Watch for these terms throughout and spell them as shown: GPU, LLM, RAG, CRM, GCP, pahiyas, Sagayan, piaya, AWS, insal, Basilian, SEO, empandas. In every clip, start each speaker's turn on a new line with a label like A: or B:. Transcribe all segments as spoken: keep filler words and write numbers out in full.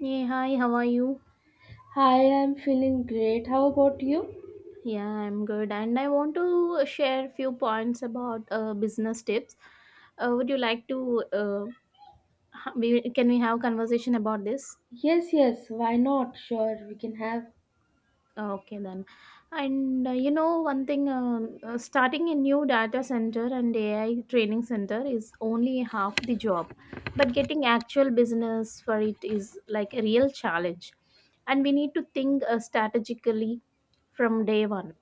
A: Hey, hi, how are you?
B: Hi, I'm feeling great. How about you?
A: Yeah, I'm good, and I want to share few points about uh, business tips. Uh, would you like to? Uh, ha- we can we have conversation about this?
B: Yes, yes, why not? Sure, we can have.
A: Okay, then. And uh, you know, one thing, um, uh, starting a new data center and A I training center is only half the job, but getting actual business for it is like a real challenge, and we need to think uh, strategically from day one.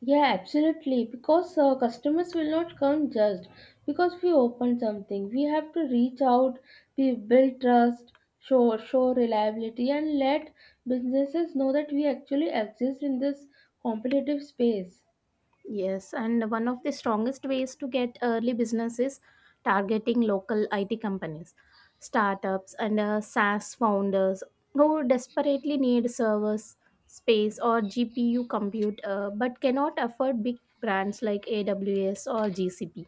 B: Yeah, absolutely. Because uh, customers will not come just because we open something. We have to reach out, we build trust, show show reliability, and let businesses know that we actually exist in this competitive space.
A: Yes, and one of the strongest ways to get early business is targeting local I T companies, startups, and uh, SaaS founders who desperately need servers, space, or G P U compute uh, but cannot afford big brands like A W S or G C P.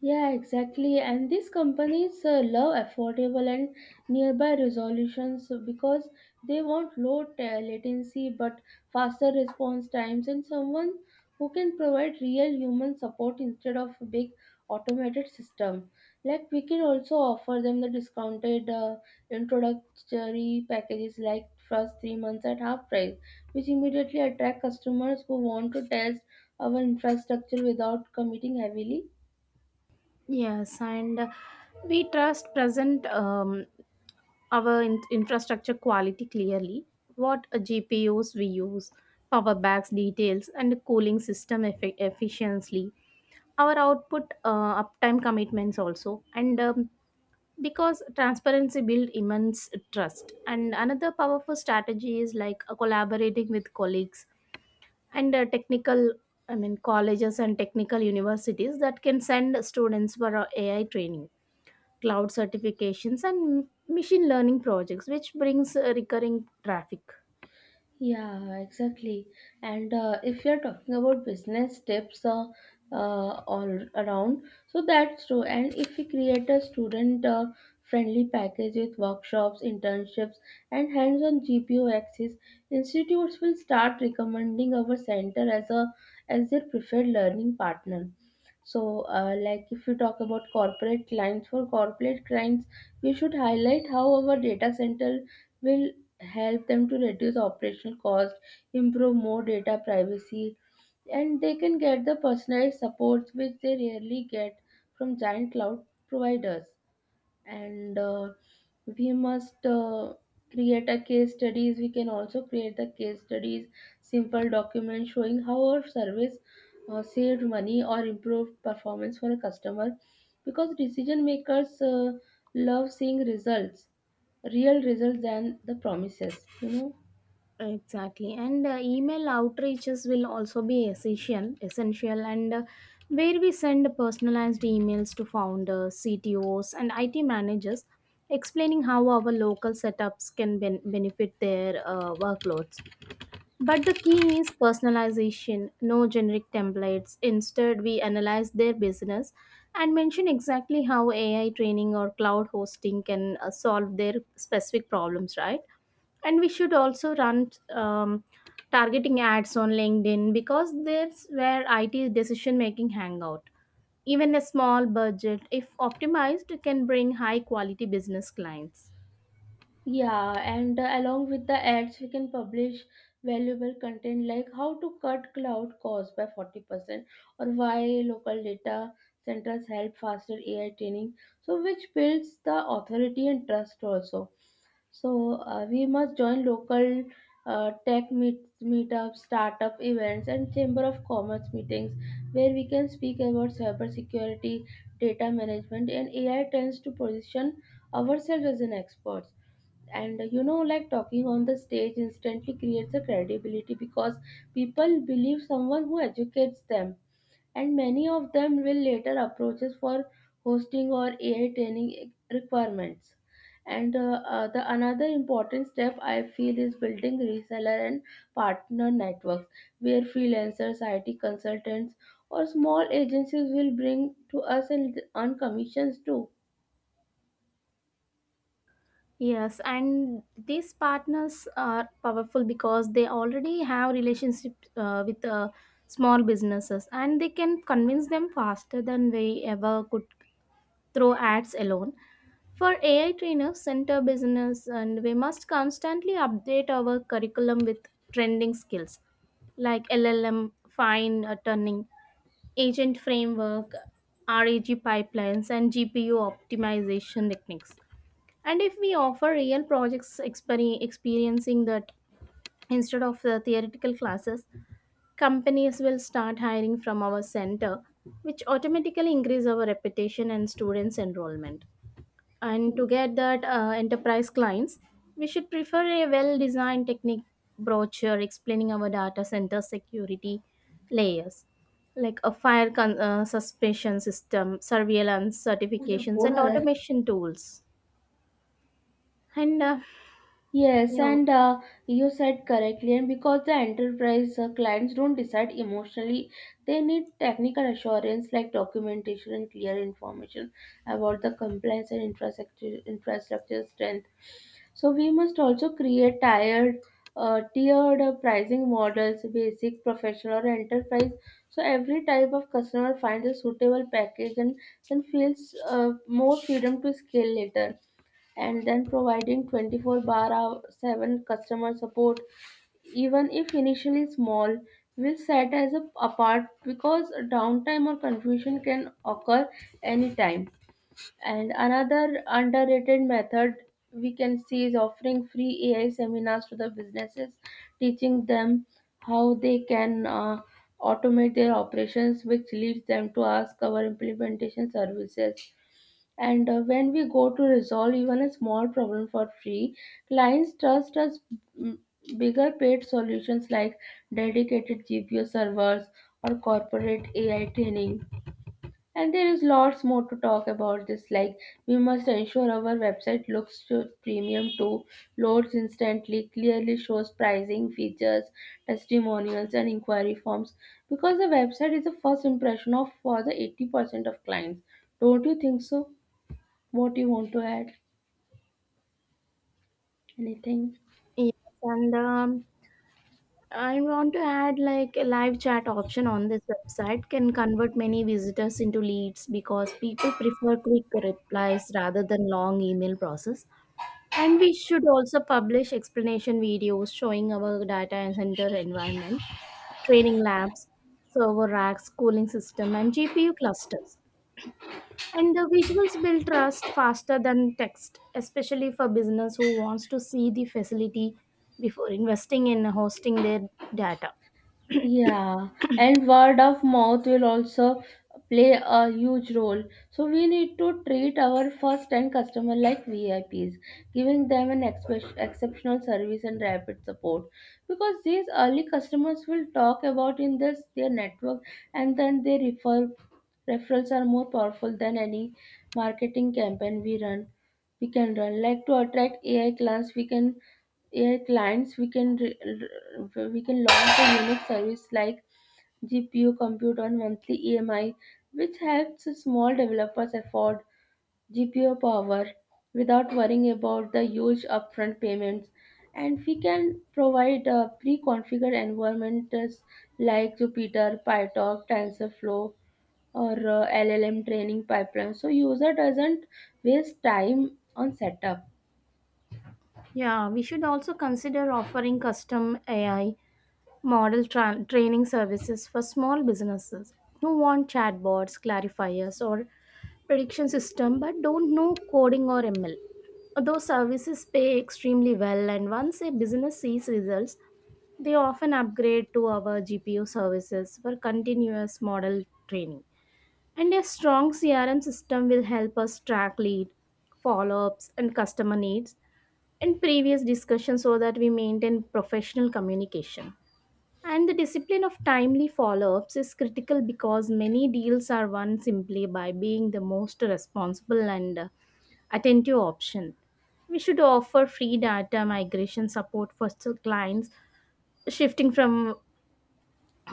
B: Yeah, exactly. And these companies uh, love affordable and nearby resolutions because they want low t- latency but faster response times and someone who can provide real human support instead of a big automated system. Like we can also offer them the discounted uh, introductory packages like first three months at half price, which immediately attract customers who want to test our infrastructure without committing heavily.
A: Yes, and uh, we trust present um, our in- infrastructure quality clearly, what uh, G P Us we use, power backs details, and cooling system effi- efficiently our output uh, uptime commitments also, and um, because transparency build immense trust. And another powerful strategy is like uh, collaborating with colleagues and uh, technical I mean colleges and technical universities that can send students for uh, AI training, cloud certifications, and machine learning projects, which brings uh, recurring traffic.
B: Yeah, exactly. And uh, if you're talking about business tips uh, uh, all around, so that's true. And if we create a student uh, friendly package with workshops, internships, and hands on G P O access, institutes will start recommending our center as a as their preferred learning partner. So, uh, like if you talk about corporate clients, for corporate clients, we should highlight how our data center will help them to reduce operational cost, improve more data privacy, and they can get the personalized supports which they rarely get from giant cloud providers, and uh, we must uh, create a case studies we can also create the case studies, simple document showing how our service uh, saved money or improved performance for a customer because decision makers uh, love seeing results, real results than the promises, you know.
A: Exactly, and uh, email outreaches will also be essential, essential, and uh, where we send personalized emails to founders, C T Os, and I T managers, explaining how our local setups can ben- benefit their uh, workloads. But the key is personalization, no generic templates. Instead, we analyze their business and mention exactly how A I training or cloud hosting can uh, solve their specific problems, right? And we should also run um, targeting ads on LinkedIn, because that's where IT decision making hangout. Even a small budget, if optimized, can bring high quality business clients.
B: Yeah, and uh, along with the ads, we can publish valuable content like how to cut cloud costs by forty percent or why local data centers help faster A I training. So, which builds the authority and trust also. So, uh, we must join local uh, tech meet, meetups, startup events, and chamber of commerce meetings where we can speak about cybersecurity, data management, and A I trends to position ourselves as an expert. And uh, you know, like talking on the stage instantly creates a credibility because people believe someone who educates them, and many of them will later approach us for hosting or A I training requirements. And uh, uh, the another important step I feel is building reseller and partner networks, where freelancers, I T consultants, or small agencies will bring to us and earn commissions too.
A: Yes, and these partners are powerful because they already have relationship uh, with uh, small businesses, and they can convince them faster than we ever could through ads alone. For A I trainers, center business, and we must constantly update our curriculum with trending skills like L L M, fine uh, tuning, agent framework, RAG pipelines, and G P U optimization techniques. And if we offer real projects exper- experiencing that instead of the theoretical classes, companies will start hiring from our center, which automatically increase our reputation and students' enrollment. And to
B: Who's
A: get that uh, enterprise clients, we should prefer a well designed technique brochure explaining our data center security layers, like a fire con- uh, suspension system, surveillance
B: the
A: certifications,
B: phone
A: and
B: or.
A: automation tools. And uh,
B: Yes,
A: you know,
B: and uh, you said correctly, and because the enterprise uh, clients don't decide emotionally, they need technical assurance like documentation and clear information about the compliance and infrastructure, infrastructure strength. So we must also create tiered, uh, tiered uh, pricing models: basic, professional, or enterprise. So every type of customer finds a suitable package and then feels uh, more freedom to scale later. And then providing twenty-four bar hour seven customer support, even if initially small, will set as a apart because downtime or confusion can occur anytime. And another underrated method we can see is offering free A I seminars to the businesses, teaching them how they can uh, automate their operations, which leads them to ask our implementation services. And uh, when we go to resolve even a small problem for free, clients trust us mm, bigger paid solutions like dedicated G P U servers or corporate A I training. And there is lots more to talk about this. Like we must ensure our website looks to premium too, loads instantly, clearly shows pricing, features, testimonials, and inquiry forms. Because the website is the first impression of for the eighty percent of clients. Don't you think so? What you want to add? Anything?
A: yes, and um, I want to add like a live chat option on this website can convert many visitors into leads, because people prefer quick replies rather than long email process. And we should also publish explanation videos showing our data center environment, training labs, server racks, cooling system, and G P U clusters. And the visuals build trust faster than text, especially for business who wants to see the facility before investing in hosting their data.
B: Yeah, and word of mouth will also play a huge role. So we need to treat our first-time customer like V I Ps, giving them an expe- exceptional service and rapid support. Because these early customers will talk about in this their network, and then they refer referrals are more powerful than any marketing campaign we run. We can run like to attract A I clients. We can A I clients, we can re- re- we can launch a unique service like G P U compute on monthly E M I, which helps small developers afford G P U power without worrying about the huge upfront payments. And we can provide uh, pre-configured environments like Jupyter, PyTorch, TensorFlow, or uh, L L M training pipelines, so user doesn't waste time on setup.
A: Yeah, we should also consider offering custom A I model tra- training services for small businesses who want chatbots, clarifiers, or prediction system but don't know coding or M L. Those services pay extremely well, and once a business sees results, they often upgrade to our G P U services for continuous model training. And a strong C R M system will help us track lead, follow ups, and customer needs in previous discussions, so that we maintain professional communication. And the discipline of timely follow ups is critical, because many deals are won simply by being the most responsible and uh, attentive option. We should offer free data migration support for s- clients shifting from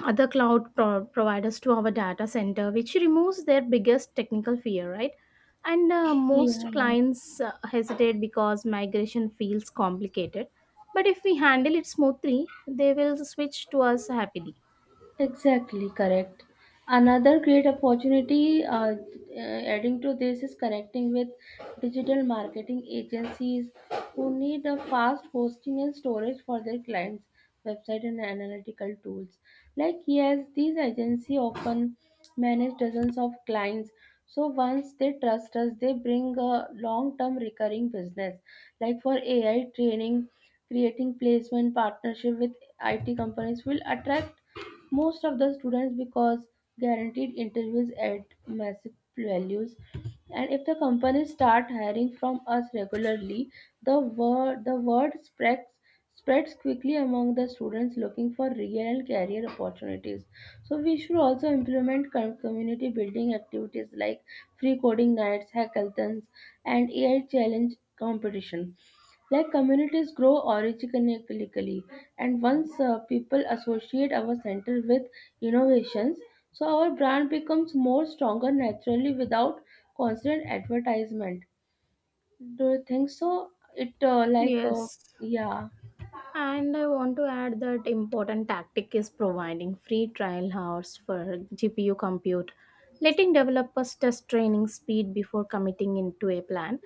A: other cloud pro- providers to our data center, which removes their biggest technical fear, right? And uh, most
B: Yeah.
A: clients uh, hesitate because migration feels complicated. But if we handle it smoothly, they will switch to us happily.
B: Exactly correct. Another great opportunity uh, uh, adding to this is connecting with digital marketing agencies who need a fast hosting and storage for their clients' website and analytical tools. Like yes, these agencies often manage dozens of clients. So once they trust us, they bring a long-term recurring business. Like for A I training, creating placement partnership with I T companies will attract most of the students because guaranteed interviews at massive values, and if the companies start hiring from us regularly, the word the word spreads spreads quickly among the students looking for real career opportunities. So we should also implement com- community building activities like free coding nights, hackathons, and AI challenge competition. Like communities grow organically, and once uh, people associate our center with innovations, so our brand becomes more stronger naturally without constant advertisement. Do you think so? It uh, like uh,
A: Yes.
B: Yeah.
A: And I want to add that important tactic is providing free trial hours for G P U compute, letting developers test training speed before committing into a plan.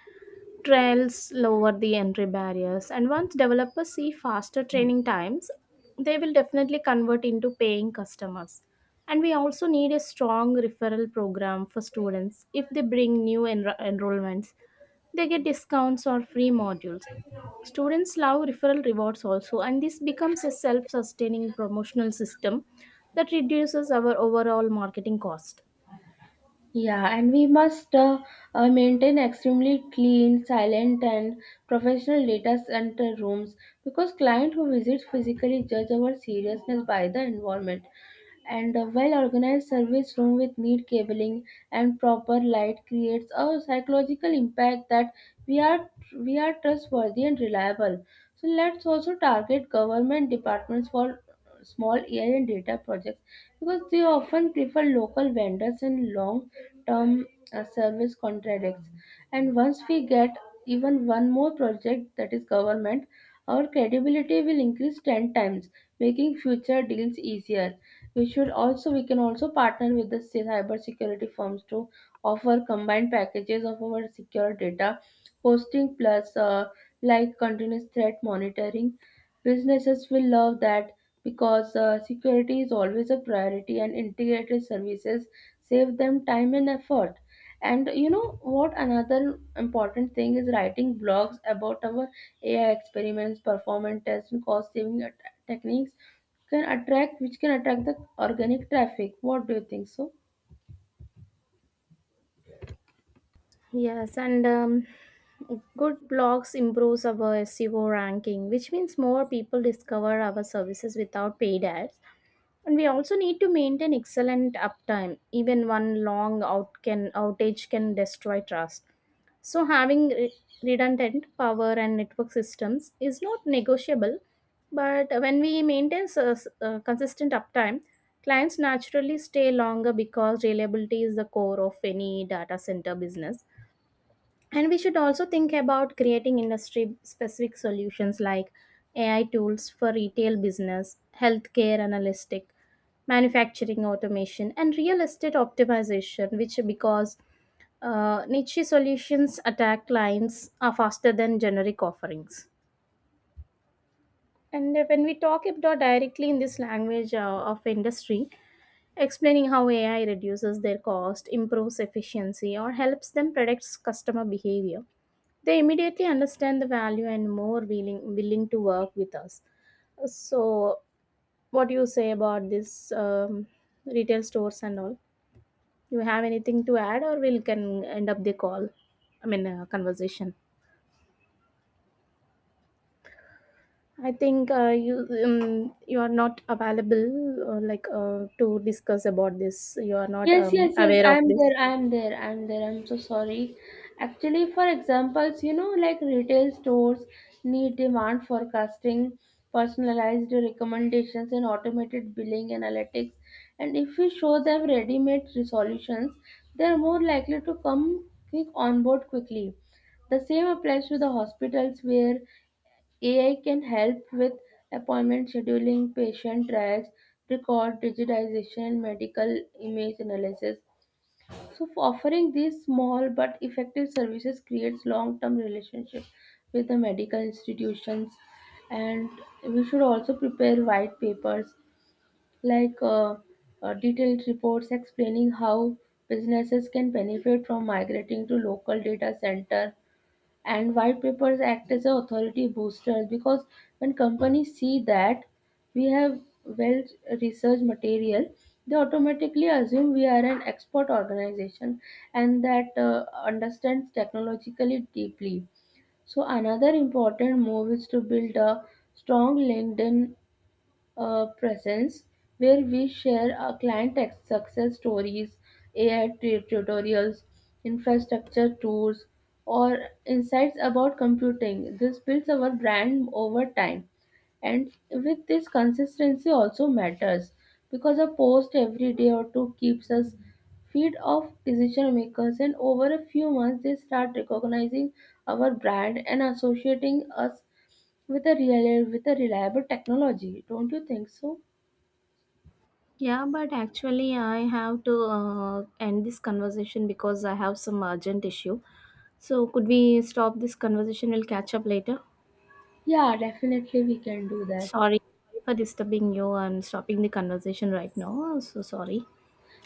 A: Trails lower the entry barriers, and once developers see faster training times, they will definitely convert into paying customers. And we also need a strong referral program for students. If they bring new enro- enrollments, they get discounts or free modules. Students love referral rewards also, and this becomes a self-sustaining promotional system that reduces our overall marketing cost.
B: Yeah, and we must uh, uh, maintain extremely clean, silent, and professional data center rooms because client who visits physically judge our seriousness by the environment. And a well-organized service room with neat cabling and proper light creates a psychological impact that we are we are trustworthy and reliable. So let's also target government departments for small A I and data projects because they often prefer local vendors and long term uh, service contracts. And once we get even one more project that is government, our credibility will increase ten times, making future deals easier. We should also we can also partner with the cyber security firms to offer combined packages of our secure data hosting plus uh, like continuous threat monitoring. Businesses will love that because uh, security is always a priority and integrated services save them time and effort. And you know what? Another important thing is writing blogs about our A I experiments, performance tests, and cost saving at- techniques can attract, which can attract the organic traffic. What do you think so?
A: Yes, and um, good blogs improves our S E O ranking, which means more people discover our services without paid ads. And we also need to maintain excellent uptime. Even one long out can outage can destroy trust. So having re- redundant power and network systems is not negotiable. But when we maintain s- uh, consistent uptime, clients naturally stay longer because reliability is the core of any data center business. And we should also think about creating industry specific solutions like A I tools for retail business, healthcare analytic, manufacturing automation, and real estate optimization, which, because uh, niche solutions attack clients are faster than generic offerings. And when we talk about directly in this language uh, of industry, explaining how A I reduces their cost, improves efficiency, or helps them predict customer behavior, they immediately understand the value and more willing willing to work with us. So what do you say about this, um, retail stores and all? You have anything to add, or we'll can end up the call, i mean uh, conversation? I think uh, you, um, you are not available, uh, like uh, to discuss about this. You are not
B: Yes,
A: um,
B: yes, yes.
A: aware of
B: I'm
A: this.
B: there. I'm there. I'm there. I'm so sorry. Actually, for examples, you know, like retail stores need demand forecasting, personalized recommendations, and automated billing analytics. And if we show them ready-made solutions, they're more likely to come quick on board quickly. The same applies to the hospitals where A I can help with appointment scheduling, patient tracks, record digitization, and medical image analysis. So, for offering these small but effective services creates long-term relationship with the medical institutions, and we should also prepare white papers, like uh, uh, detailed reports explaining how businesses can benefit from migrating to local data center. And white papers act as a authority boosters because when companies see that we have well researched material, they automatically assume we are an expert organization and that uh, understands technologically deeply. So another important move is to build a strong LinkedIn uh, presence where we share our client ex- success stories, A I tu- tutorials, infrastructure tours, or insights about computing. This builds our brand over time. And with this, consistency also matters because a post every day or two keeps us feed of decision makers, and over a few months, they start recognizing our brand and associating us with a real with a reliable technology. Don't you think so?
A: Yeah, but actually, I have to uh, end this conversation because I have some urgent issue. So, could we stop this conversation? We'll catch up later.
B: Yeah, definitely we can do that.
A: Sorry for disturbing you and stopping the conversation right now. So sorry.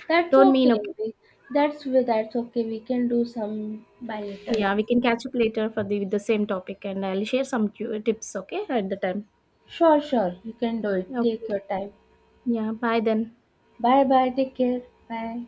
B: That's
A: Don't mean
B: okay,
A: okay.
B: we, that's we, that's okay, we can do some by later.
A: Yeah, we can catch up later for the with the same topic, and I'll share some tu- tips. Okay, at the time.
B: Sure, sure, you can do it, take
A: Okay.
B: your time.
A: Yeah. Bye then.
B: Bye, bye, take care. Bye.